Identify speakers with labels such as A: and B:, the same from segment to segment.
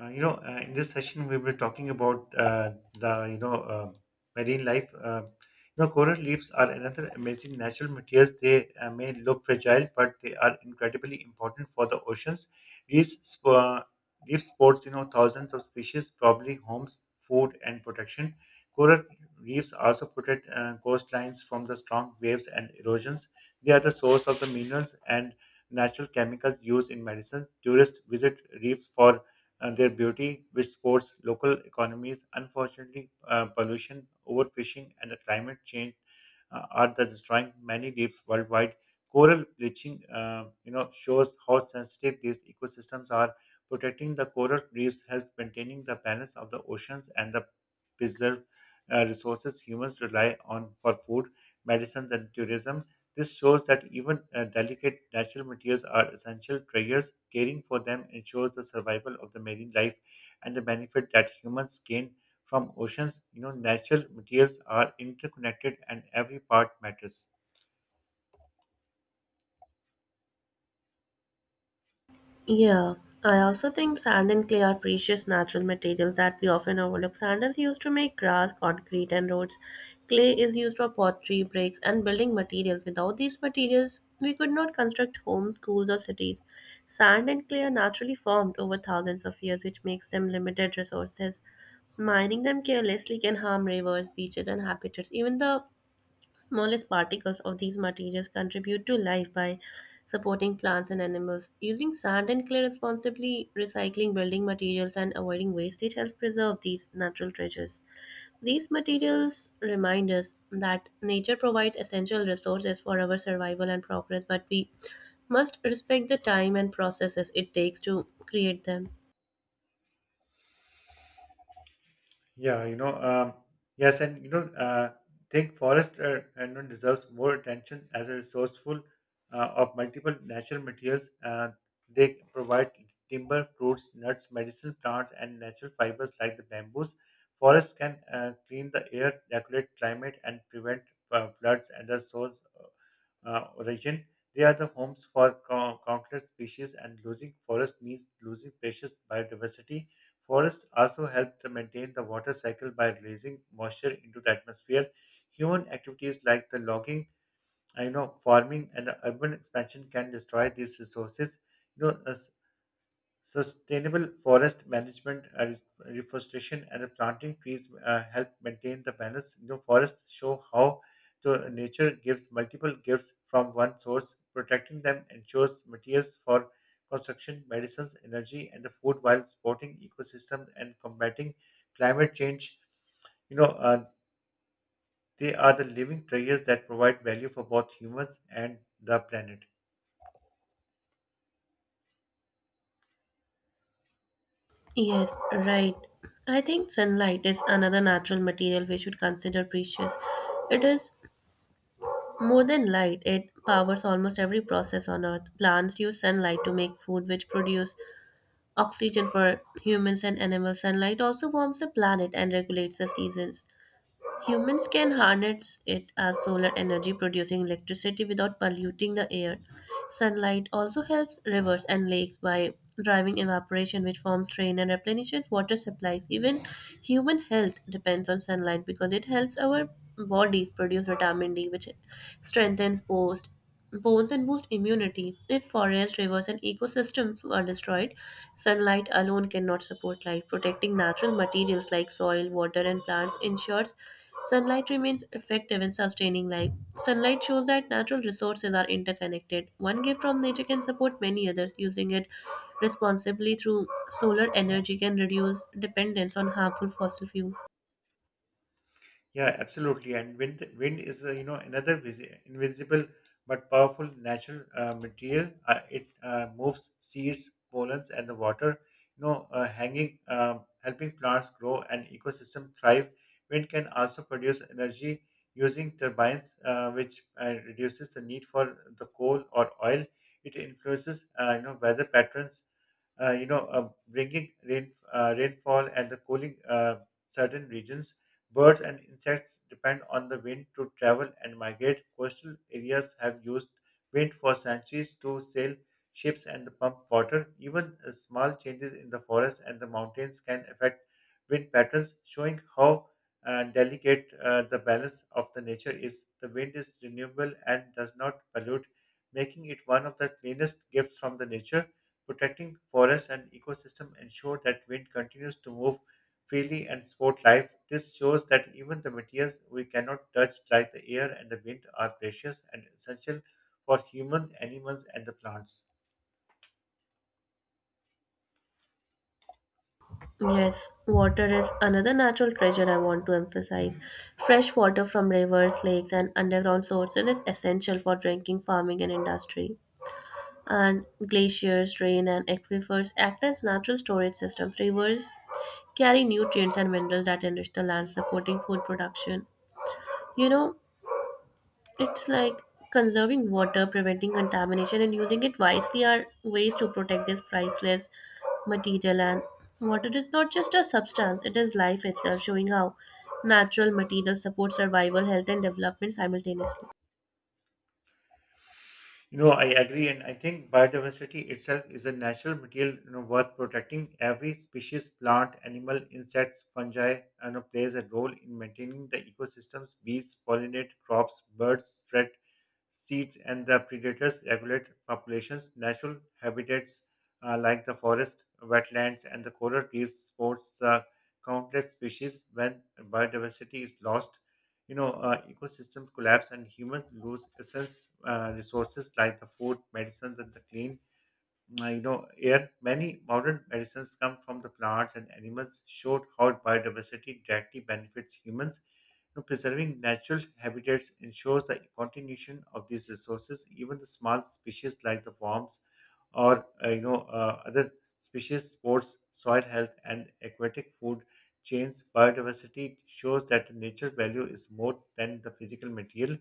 A: In this session, we were talking about the you know marine life. Coral reefs are another amazing natural materials. They may look fragile, but they are incredibly important for the oceans. Reefs, sp- uh, reef sports, you know, thousands of species, probably homes, food, and protection. Coral reefs also protect coastlines from the strong waves and erosions. They are the source of the minerals and natural chemicals used in medicine. Tourists visit reefs for and their beauty, which supports local economies. Unfortunately, pollution, overfishing, and the climate change are the destroying many reefs worldwide. Coral bleaching, you know, shows how sensitive these ecosystems are. Protecting the coral reefs helps maintaining the balance of the oceans and the preserve resources humans rely on for food, medicines, and tourism. This shows that even delicate natural materials are essential treasures. Caring for them ensures the survival of the marine life and the benefit that humans gain from oceans. You know, natural materials are interconnected and every part matters.
B: Yeah, I also think sand and clay are precious natural materials that we often overlook. Sand is used to make grass, concrete, and roads. Clay is used for pottery, bricks, and building materials. Without these materials, we could not construct homes, schools, or cities. Sand and clay are naturally formed over thousands of years, which makes them limited resources. Mining them carelessly can harm rivers, beaches, and habitats. Even the smallest particles of these materials contribute to life by supporting plants and animals. Using sand and clay responsibly, recycling building materials, and avoiding wastage helps preserve these natural treasures. These materials remind us that nature provides essential resources for our survival and progress, but we must respect the time and processes it takes to create them.
A: Yeah, yes, and think forest deserves more attention as a resourceful of multiple natural materials. They provide timber, fruits, nuts, medicinal plants, and natural fibers like the bamboos. Forests can clean the air, regulate climate, and prevent floods and the source region. They are the homes for countless species, and losing forest means losing precious biodiversity. Forests also help to maintain the water cycle by releasing moisture into the atmosphere. Human activities like the logging, I know, farming, and the urban expansion can destroy these resources. You know, uh, Sustainable forest management, reforestation, and planting trees help maintain the balance. You know, forests show how to nature gives multiple gifts from one source. Protecting them ensures materials for construction, medicines, energy, and the food while supporting ecosystem and combating climate change. You know, uh, they are the living treasures that provide value for both humans and the planet.
B: Yes, right. I think sunlight is another natural material we should consider precious. It is more than light, it powers almost every process on Earth. Plants use sunlight to make food, which produce oxygen for humans and animals. Sunlight also warms the planet and regulates the seasons. Humans can harness it as solar energy, producing electricity without polluting the air. Sunlight also helps rivers and lakes by driving evaporation, which forms rain and replenishes water supplies. Even human health depends on sunlight because it helps our bodies produce vitamin D, which strengthens both bones and boost immunity. If forests, rivers, and ecosystems are destroyed, sunlight alone cannot support life. Protecting natural materials like soil, water, and plants ensures sunlight remains effective in sustaining life. Sunlight shows that natural resources are interconnected. One gift from nature can support many others. Using it responsibly through solar energy can reduce dependence on harmful fossil fuels.
A: Yeah, absolutely. And wind is you know another invisible but powerful natural material. It moves seeds, pollens, and the water. Hanging, helping plants grow and ecosystem thrive. Wind can also produce energy using turbines, which reduces the need for the coal or oil. It influences weather patterns, bringing rain, rainfall and the cooling certain regions. Birds and insects depend on the wind to travel and migrate. Coastal areas have used wind for centuries to sail ships and pump water. Even small changes in the forest and the mountains can affect wind patterns, showing how delicate the balance of the nature is. The wind is renewable and does not pollute, making it one of the cleanest gifts from the nature. Protecting forests and ecosystem ensure that wind continues to move freely and support life. This shows that even the materials we cannot touch, like the air and the wind, are precious and essential for human, animals, and the plants.
B: Yes, water is another natural treasure I want to emphasize. Fresh water from rivers, lakes, and underground sources is essential for drinking, farming, and industry. And glaciers, rain, and aquifers act as natural storage systems. Rivers carry nutrients and minerals that enrich the land, supporting food production. You know, it's like conserving water, preventing contamination, and using it wisely are ways to protect this priceless material. And water is not just a substance, it is life itself, showing how natural materials support survival, health, and development simultaneously.
A: You know, I agree, and I think biodiversity itself is a natural material, you know, worth protecting. Every species, plant, animal, insects, fungi, you know, plays a role in maintaining the ecosystems. Bees pollinate crops, birds spread seeds, and the predators regulate populations. Natural habitats like the forest, wetlands, and the coral reefs sports the countless species. When biodiversity is lost, ecosystem collapse and humans lose essence resources like the food, medicines, and the clean. I know here many modern medicines come from the plants and animals showed how biodiversity directly benefits humans. You know, preserving natural habitats ensures the continuation of these resources. Even the small species like the worms or other species supports soil health and aquatic food chains biodiversity shows that the nature value is more than the physical material.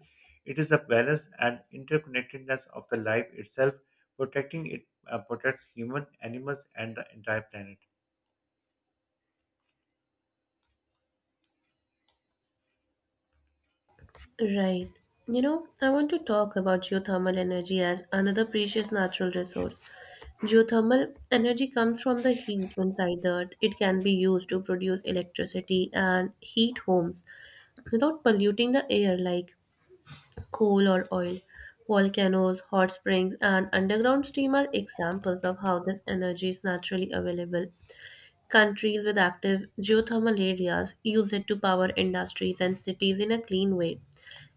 A: It is a balance and interconnectedness of the life itself. Protecting it protects human, animals, and the entire planet.
B: Right. I want to talk about geothermal energy as another precious natural resource. Geothermal energy comes from the heat inside the earth. It can be used to produce electricity and heat homes without polluting the air like coal or oil. Volcanoes, hot springs, and underground steam are examples of how this energy is naturally available. Countries with active geothermal areas use it to power industries and cities in a clean way.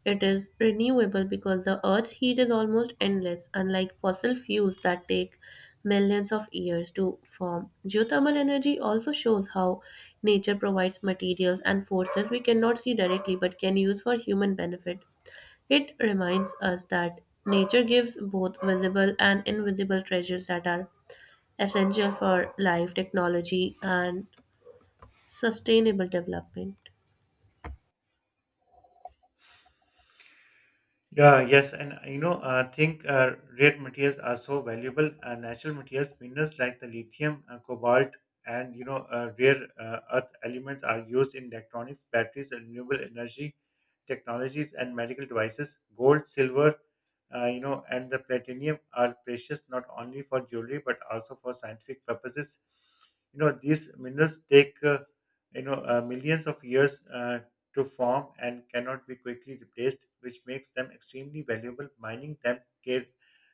B: It is renewable because the Earth's heat is almost endless, unlike fossil fuels that take millions of years to form. Geothermal energy also shows how nature provides materials and forces we cannot see directly but can use for human benefit. It reminds us that nature gives both visible and invisible treasures that are essential for life, technology, and sustainable development.
A: Yeah, yes, and I think rare materials are so valuable. Natural materials, minerals like the lithium, cobalt, and rare earth elements are used in electronics, batteries, and renewable energy technologies, and medical devices. Gold, silver, and the platinum are precious not only for jewelry but also for scientific purposes. You know, these minerals take millions of years to form and cannot be quickly replaced, which makes them extremely valuable. Mining them care,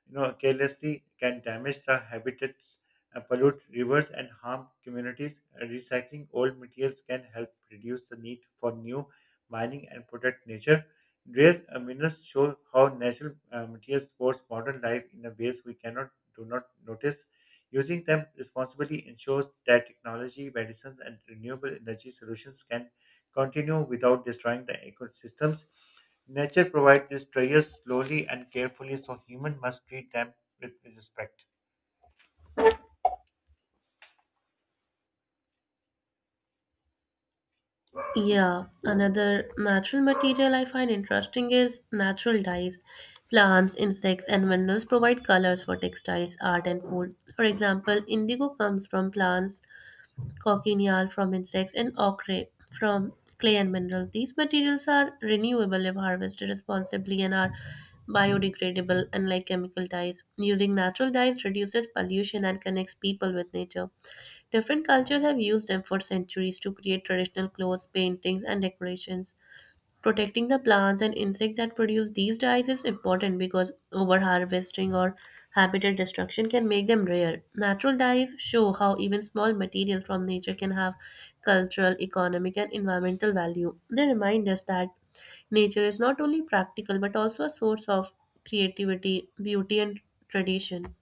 A: you know, carelessly can damage the habitats, pollute rivers, and harm communities. Recycling old materials can help reduce the need for new mining and protect nature. Rare minerals show how natural materials support modern life in a ways we cannot do not notice. Using them responsibly ensures that technology, medicines, and renewable energy solutions can continue without destroying the ecosystems. Nature provides these treasures slowly and carefully, so humans must treat them with respect.
B: Yeah, another natural material I find interesting is natural dyes. Plants, insects, and minerals provide colors for textiles, art, and food. For example, indigo comes from plants, cochineal from insects, and ochre from clay and minerals. These materials are renewable if harvested responsibly and are biodegradable, unlike chemical dyes. Using natural dyes reduces pollution and connects people with nature. Different cultures have used them for centuries to create traditional clothes, paintings, and decorations. Protecting the plants and insects that produce these dyes is important because overharvesting or habitat destruction can make them rare. Natural dyes show how even small materials from nature can have cultural, economic, and environmental value. They remind us that nature is not only practical but also a source of creativity, beauty, and tradition.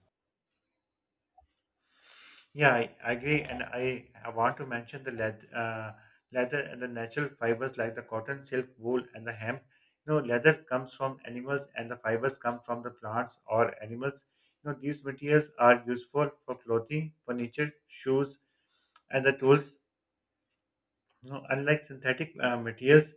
A: Yeah, I agree. And I want to mention the leather and the natural fibers like the cotton, silk, wool, and the hemp. You know, leather comes from animals and the fibers come from the plants or animals. You know, these materials are useful for clothing, furniture, shoes, and the tools. No, unlike synthetic materials,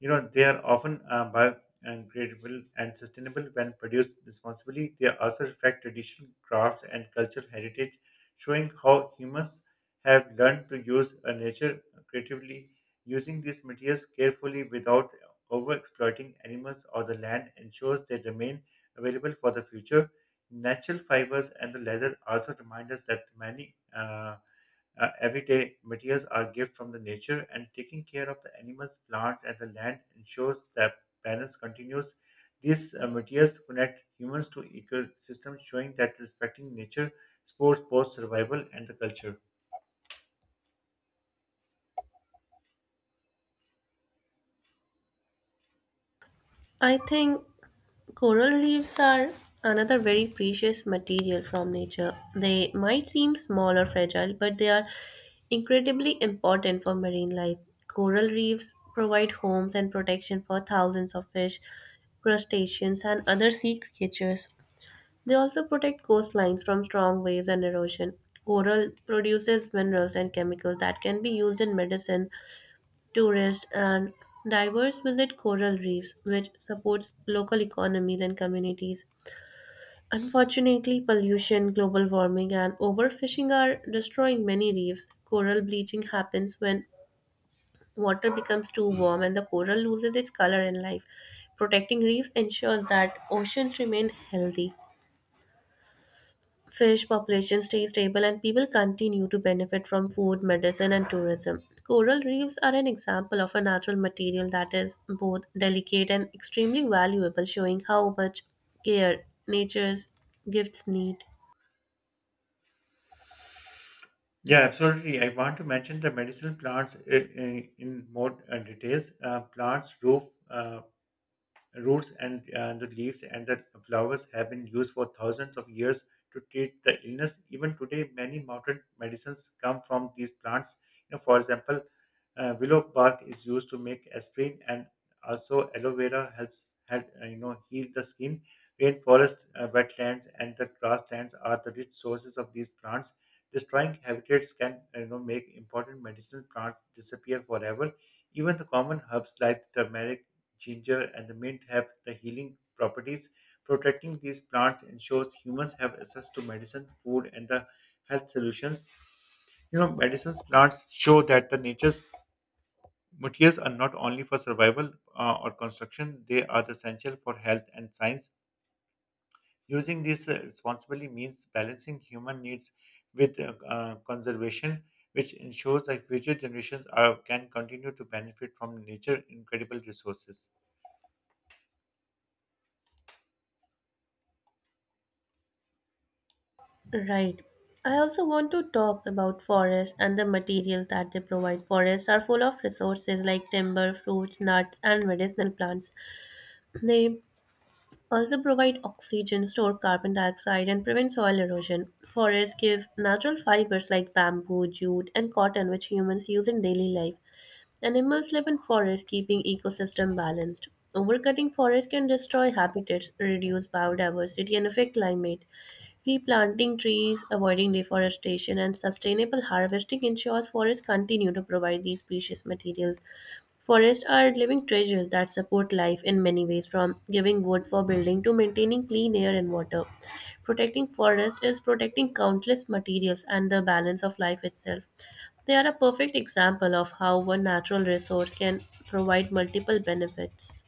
A: you know they are often biodegradable and sustainable when produced responsibly. They also reflect traditional crafts and cultural heritage, showing how humans have learned to use nature creatively, using these materials carefully without overexploiting animals or the land ensures they remain available for the future. Natural fibers and the leather also remind us that many everyday materials are gift from the nature, and taking care of the animals, plants, and the land ensures that balance continues. These materials connect humans to ecosystems, showing that respecting nature supports both survival and the culture.
B: I think coral reefs are another very precious material from nature. They might seem small or fragile, but they are incredibly important for marine life. Coral reefs provide homes and protection for thousands of fish, crustaceans, and other sea creatures. They also protect coastlines from strong waves and erosion. Coral produces minerals and chemicals that can be used in medicine. Tourists and divers visit coral reefs, which supports local economies and communities. Unfortunately, pollution, global warming, and overfishing are destroying many reefs. Coral bleaching happens when water becomes too warm and the coral loses its color and life. Protecting reefs ensures that oceans remain healthy. Fish population stay stable and people continue to benefit from food, medicine, and tourism. Coral reefs are an example of a natural material that is both delicate and extremely valuable, showing how much care nature's gifts need.
A: Yeah, absolutely. I want to mention the medicinal plants in more details. Plants, uh, roots and the leaves and the flowers have been used for thousands of years to treat the illness. Even today, many mountain medicines come from these plants. You know, for example, willow bark is used to make aspirin, and also aloe vera helps, you know heal the skin. Rainforest, wetlands, and the grasslands are the rich sources of these plants. Destroying habitats can you know make important medicinal plants disappear forever. Even the common herbs like turmeric, ginger, and the mint have the healing properties. Protecting these plants ensures humans have access to medicine, food, and the health solutions. You know, medicines plants show that the nature's materials are not only for survival or construction; they are essential for health and science. Using this responsibly means balancing human needs with conservation, which ensures that future generations are, can continue to benefit from nature incredible resources.
B: Right. I also want to talk about forests and the materials that they provide. Forests are full of resources like timber, fruits, nuts, and medicinal plants. They also provide oxygen, store carbon dioxide, and prevent soil erosion. Forests give natural fibers like bamboo, jute, and cotton, which humans use in daily life. Animals live in forests, keeping ecosystem balanced. Overcutting forests can destroy habitats, reduce biodiversity, and affect climate. Replanting trees, avoiding deforestation, and sustainable harvesting ensures forests continue to provide these precious materials. Forests are living treasures that support life in many ways, from giving wood for building to maintaining clean air and water. Protecting forests is protecting countless materials and the balance of life itself. They are a perfect example of how one natural resource can provide multiple benefits.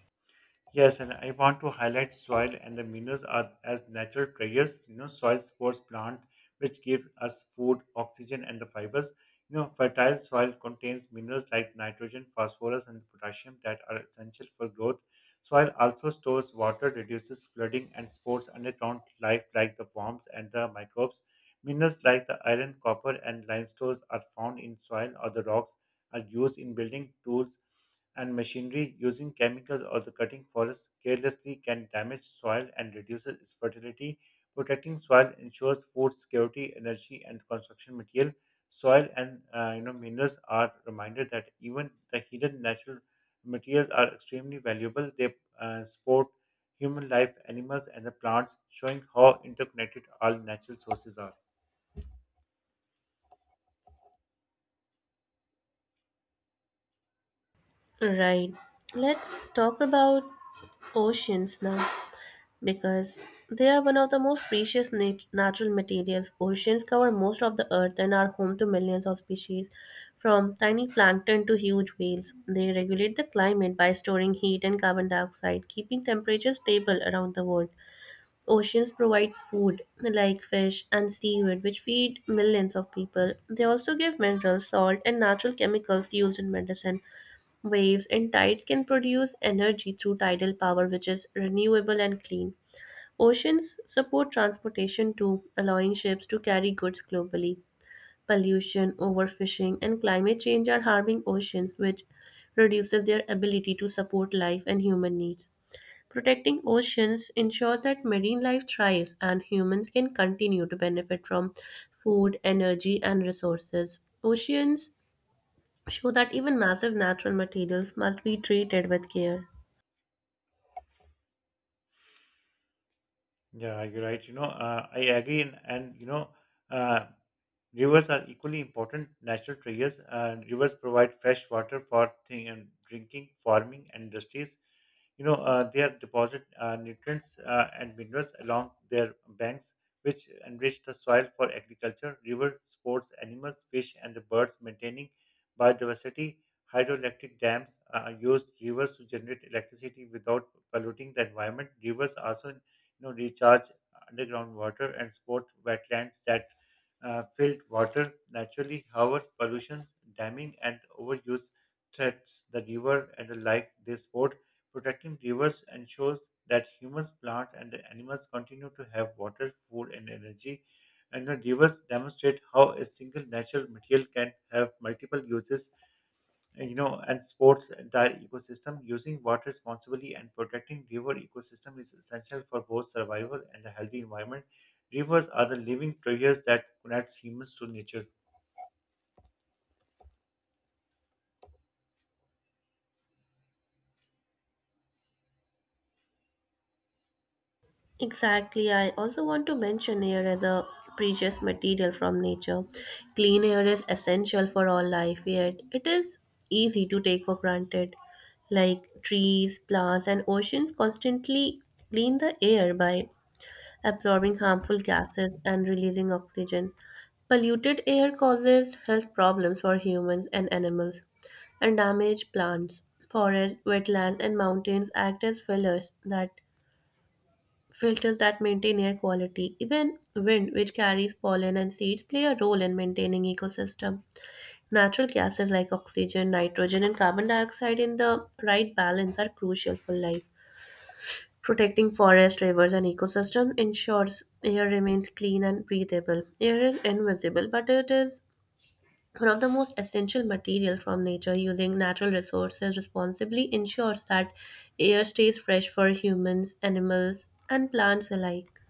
A: Yes, and I want to highlight soil and the minerals are as natural treasures. You know, soil supports plant, which give us food, oxygen, and the fibers. You know, fertile soil contains minerals like nitrogen, phosphorus, and potassium that are essential for growth. Soil also stores water, reduces flooding, and supports underground life like the worms and the microbes. Minerals like the iron, copper, and limestone are found in soil or the rocks are used in building tools and machinery using chemicals or the cutting forests carelessly can damage soil and reduces its fertility. Protecting soil ensures food security, energy, and construction material. Soil and you know minerals are reminded that even the hidden natural materials are extremely valuable. They support human life, animals, and the plants, showing how interconnected all natural sources are.
B: Right. Let's talk about oceans now, because they are one of the most precious natural materials. Oceans cover most of the earth and are home to millions of species, from tiny plankton to huge whales. They regulate the climate by storing heat and carbon dioxide, keeping temperatures stable around the world. Oceans provide food like fish and seaweed, which feed millions of people. They also give minerals, salt, and natural chemicals used in medicine. Waves and tides can produce energy through tidal power, which is renewable and clean. Oceans support transportation too, allowing ships to carry goods globally. Pollution, overfishing, and climate change are harming oceans, which reduces their ability to support life and human needs. Protecting oceans ensures that marine life thrives and humans can continue to benefit from food, energy, and resources. Oceans show that even massive natural materials must be treated with care.
A: Yeah, you're right. I agree, and you know. Uh, Rivers are equally important natural treasures. Rivers provide fresh water for thing and drinking, farming, and industries. They are deposit nutrients and minerals along their banks, which enrich the soil for agriculture. River sports animals, fish, and the birds, maintaining biodiversity. Hydroelectric dams use rivers to generate electricity without polluting the environment. Rivers also, you know, recharge underground water and support wetlands that filled water naturally. However, pollution, damming, and overuse threats the river and the life they support. Protecting rivers ensures that humans, plants, and the animals continue to have water, food, and energy. And the rivers demonstrate how a single natural material can have multiple uses, you know, and sports entire ecosystem. Using water responsibly and protecting river ecosystem is essential for both survival and a healthy environment. Rivers are the living treasures that connects humans to nature.
B: Exactly. I also want to mention air as a precious material from nature. Clean air is essential for all life, yet it is easy to take for granted. Like trees, plants, and oceans constantly clean the air by absorbing harmful gases and releasing oxygen. Polluted air causes health problems for humans and animals and damage plants. Forests, wetlands, and mountains act as fillers that filters that maintain air quality. Even wind, which carries pollen and seeds, play a role in maintaining ecosystem. Natural gases like oxygen, nitrogen, and carbon dioxide in the right balance are crucial for life. Protecting forests, rivers, and ecosystem ensures air remains clean and breathable. Air is invisible, but it is one of the most essential material from nature. Using natural resources responsibly ensures that air stays fresh for humans, animals, and plants alike.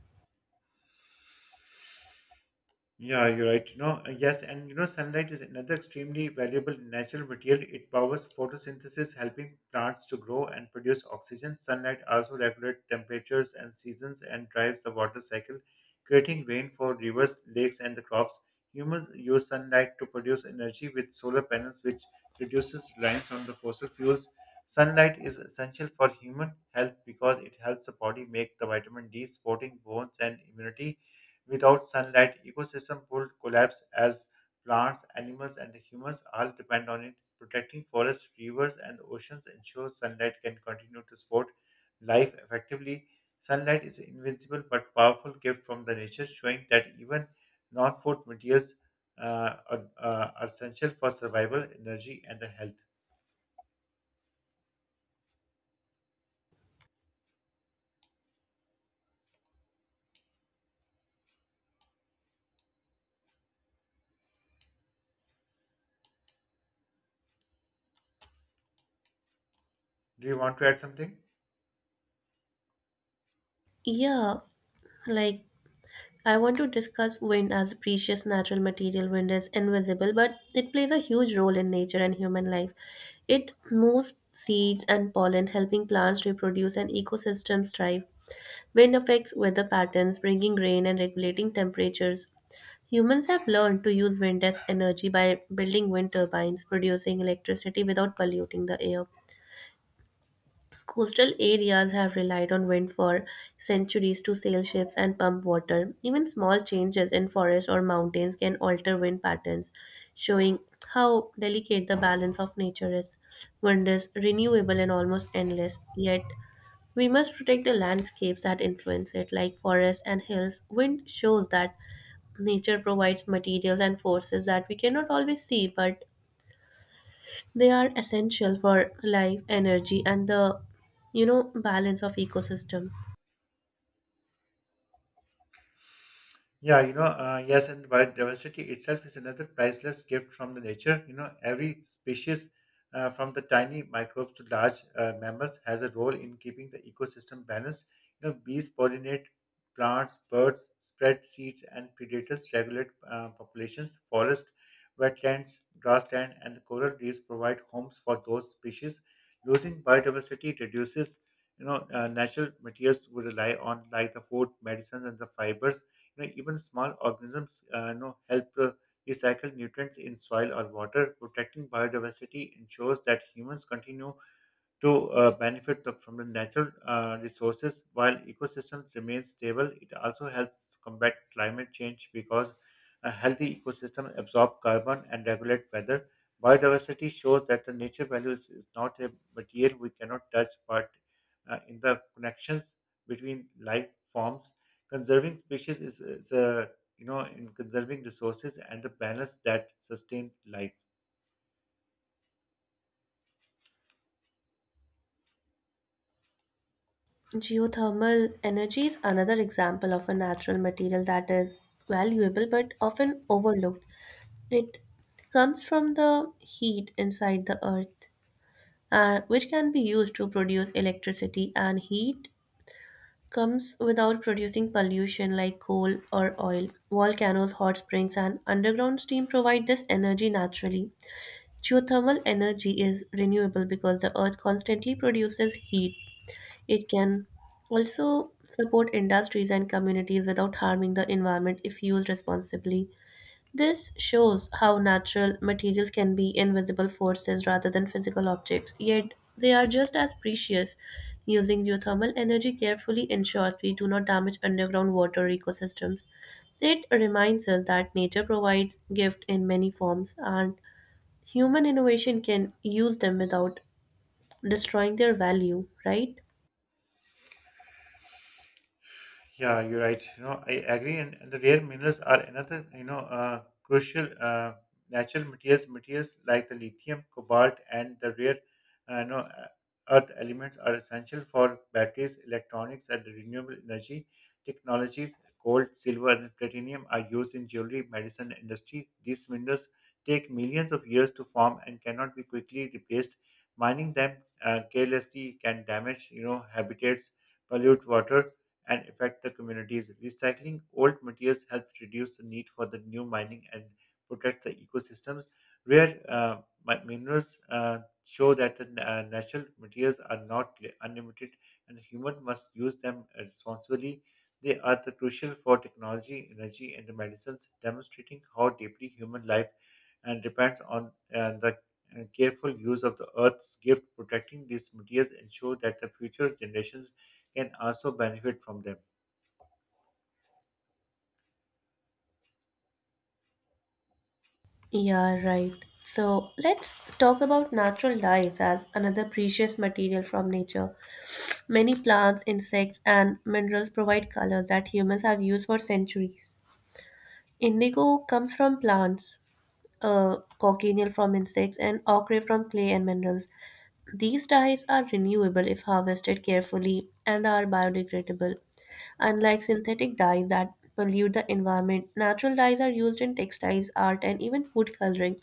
A: Yeah, you're right. Sunlight is another extremely valuable natural material. It powers photosynthesis, helping plants to grow and produce oxygen. Sunlight also regulates temperatures and seasons and drives the water cycle, creating rain for rivers, lakes, and the crops. Humans use sunlight to produce energy with solar panels, which reduces reliance on the fossil fuels. Sunlight is essential for human health because it helps the body make the vitamin D, supporting bones and immunity. Without sunlight, ecosystem would collapse as plants, animals, and humans all depend on it. Protecting forests, rivers, and oceans ensures sunlight can continue to support life effectively. Sunlight is invincible but powerful gift from the nature, showing that even non-food materials are essential for survival, energy, and the health. Do you want to add something?
B: Yeah, like, I want to discuss wind as a precious natural material. Wind is invisible, but it plays a huge role in nature and human life. It moves seeds and pollen, helping plants reproduce and ecosystems thrive. Wind affects weather patterns, bringing rain and regulating temperatures. Humans have learned to use wind as energy by building wind turbines, producing electricity without polluting the air. Coastal areas have relied on wind for centuries to sail ships and pump water. Even small changes in forests or mountains can alter wind patterns, showing how delicate the balance of nature is. Wind is renewable and almost endless, yet we must protect the landscapes that influence it, like forests and hills. Wind shows that nature provides materials and forces that we cannot always see but they are essential for life, energy, and the balance of ecosystem.
A: Yeah, you know, yes, and Biodiversity itself is another priceless gift from the nature. Every species, from the tiny microbes to large mammals, has a role in keeping the ecosystem balanced. Bees pollinate plants, birds spread seeds, and predators regulate populations. Forest, wetlands, grassland, and the coral reefs provide homes for those species. Losing biodiversity reduces, natural materials we rely on, like the food, medicines, and the fibers . Even small organisms help recycle nutrients in soil or water. Protecting biodiversity ensures that humans continue to from the natural resources while ecosystems remain stable. It also helps to combat climate change because a healthy ecosystem absorbs carbon and regulate weather. Biodiversity shows that the nature value is not a material we cannot touch, but in the connections between life forms. Conserving species is a you know in conserving resources and the balance that sustain life.
B: Geothermal energy is another example of a natural material that is valuable but often overlooked. It comes from the heat inside the earth, which can be used to produce electricity, and heat comes without producing pollution like coal or oil. Volcanoes, hot springs, and underground steam provide this energy naturally. Geothermal energy is renewable because the earth constantly produces heat. It can also support industries and communities without harming the environment if used responsibly. This shows how natural materials can be invisible forces rather than physical objects, yet they are just as precious. Using geothermal energy carefully ensures we do not damage underground water ecosystems. It reminds us that nature provides gift in many forms and human innovation can use them without destroying their value, right?
A: Yeah, you're right. You know, I agree. And the rare minerals are another, crucial natural materials. Materials like the lithium, cobalt, and the rare, uh, you know, uh, earth elements are essential for batteries, electronics, and the renewable energy technologies. Gold, silver, and platinum are used in jewelry, medicine, and industry. These minerals take millions of years to form and cannot be quickly replaced. Mining them carelessly can damage, habitats, pollute water and affect the communities. Recycling old materials helps reduce the need for the new mining and protect the ecosystems. Rare minerals show that the natural materials are not unlimited and the human must use them responsibly. They are the crucial for technology, energy, and the medicines, demonstrating how deeply human life and depends on the careful use of the earth's gift. Protecting these materials ensure that the future generations can also benefit from them.
B: Yeah, right. So let's talk about natural dyes as another precious material from nature. Many plants, insects, and minerals provide colors that humans have used for centuries. Indigo comes from plants, cochineal from insects, and ochre from clay and minerals. These dyes are renewable if harvested carefully and are biodegradable. Unlike synthetic dyes that pollute the environment, natural dyes are used in textiles, art, and even food coloring.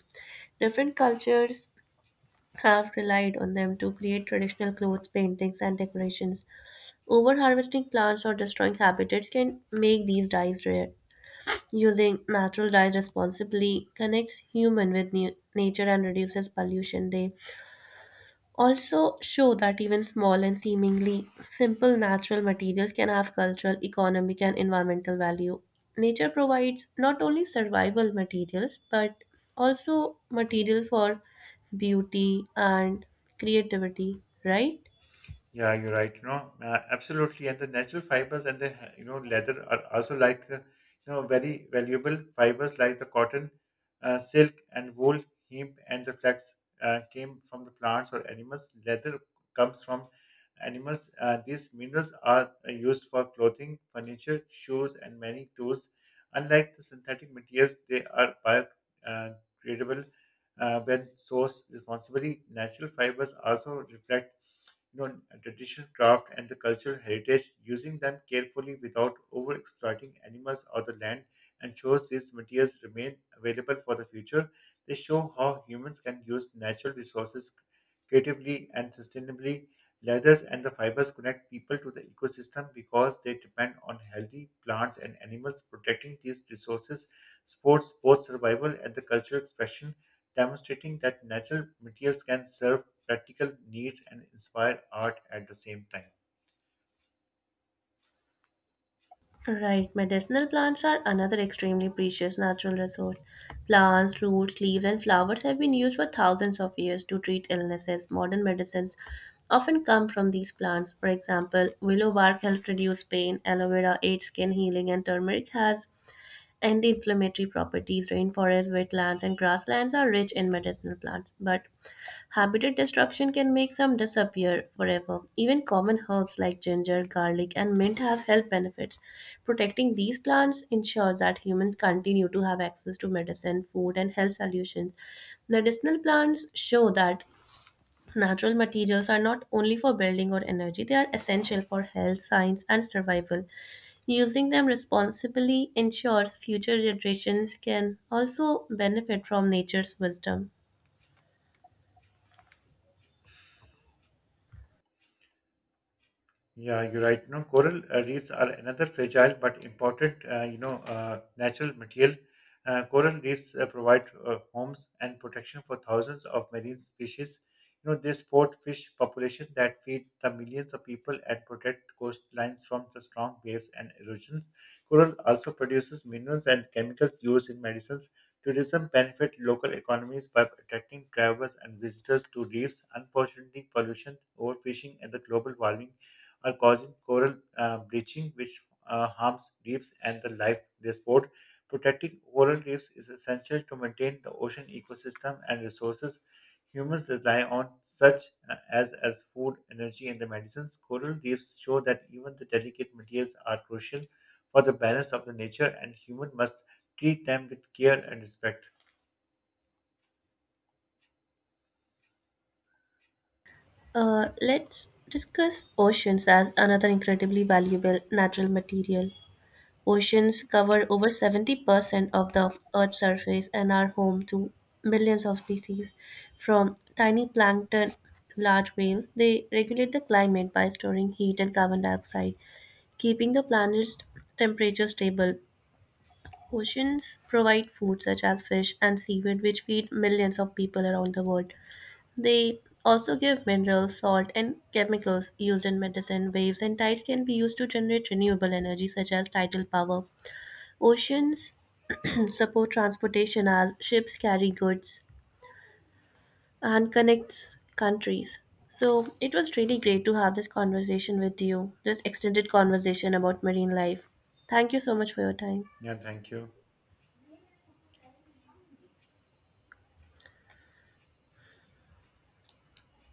B: Different cultures have relied on them to create traditional clothes, paintings, and decorations. Over harvesting plants or destroying habitats can make these dyes rare. Using natural dyes responsibly connects human with nature and reduces pollution. They also show that even small and seemingly simple natural materials can have cultural, economic, and environmental value. Nature provides not only survival materials but also materials for beauty and creativity, right?
A: Yeah, you're right. Absolutely. And the natural fibers and the leather are also like the very valuable fibers like the cotton, silk, and wool, hemp, and the flax came from the plants or animals. Leather comes from animals. These minerals are used for clothing, furniture, shoes, and many tools. Unlike the synthetic materials, they are biodegradable when sourced responsibly. Natural fibers also reflect you know, traditional craft and the cultural heritage, using them carefully without over exploiting animals or the land, ensures these materials remain available for the future. They show how humans can use natural resources creatively and sustainably. Leathers and the fibers connect people to the ecosystem because they depend on healthy plants and animals. Protecting these resources supports both survival and the cultural expression, demonstrating that natural materials can serve practical needs and inspire art at the same time.
B: Right, medicinal plants are another extremely precious natural resource. Plants, roots, leaves, and flowers have been used for thousands of years to treat illnesses. Modern medicines often come from these plants. For example, willow bark helps reduce pain, aloe vera aids skin healing, and turmeric has anti inflammatory properties. Rainforests, wetlands, and grasslands are rich in medicinal plants, but habitat destruction can make some disappear forever. Even common herbs like ginger, garlic, and mint have health benefits. Protecting these plants ensures that humans continue to have access to medicine, food, and health solutions. Medicinal plants show that natural materials are not only for building or energy, they are essential for health, science, and survival. Using them responsibly ensures future generations can also benefit from nature's wisdom.
A: Yeah, you're right. Coral reefs are another fragile but important, natural material. Coral reefs provide homes and protection for thousands of marine species. You know, they support fish population that feed the millions of people and protect coastlines from the strong waves and erosion. Coral also produces minerals and chemicals used in medicines. Tourism benefit local economies by attracting travelers and visitors to reefs. Unfortunately, pollution, overfishing, and the global warming are causing coral bleaching, which harms reefs and the life they support. Protecting coral reefs is essential to maintain the ocean ecosystem and resources humans rely on, such as food, energy, and the medicines. Coral reefs show that even the delicate materials are crucial for the balance of the nature, and human must treat them with care and respect.
B: Let's discuss oceans as another incredibly valuable natural material. Oceans cover over 70% of the Earth's surface and are home to millions of species. From tiny plankton to large whales, they regulate the climate by storing heat and carbon dioxide, keeping the planet's temperature stable. Oceans provide food such as fish and seaweed, which feed millions of people around the world. They also give minerals, salt, and chemicals used in medicine. Waves and tides can be used to generate renewable energy, such as tidal power. Oceans support transportation as ships carry goods and connects countries. So it was really great to have this conversation with you, this extended conversation about marine life. Thank you so much for your time.
A: Yeah, thank you.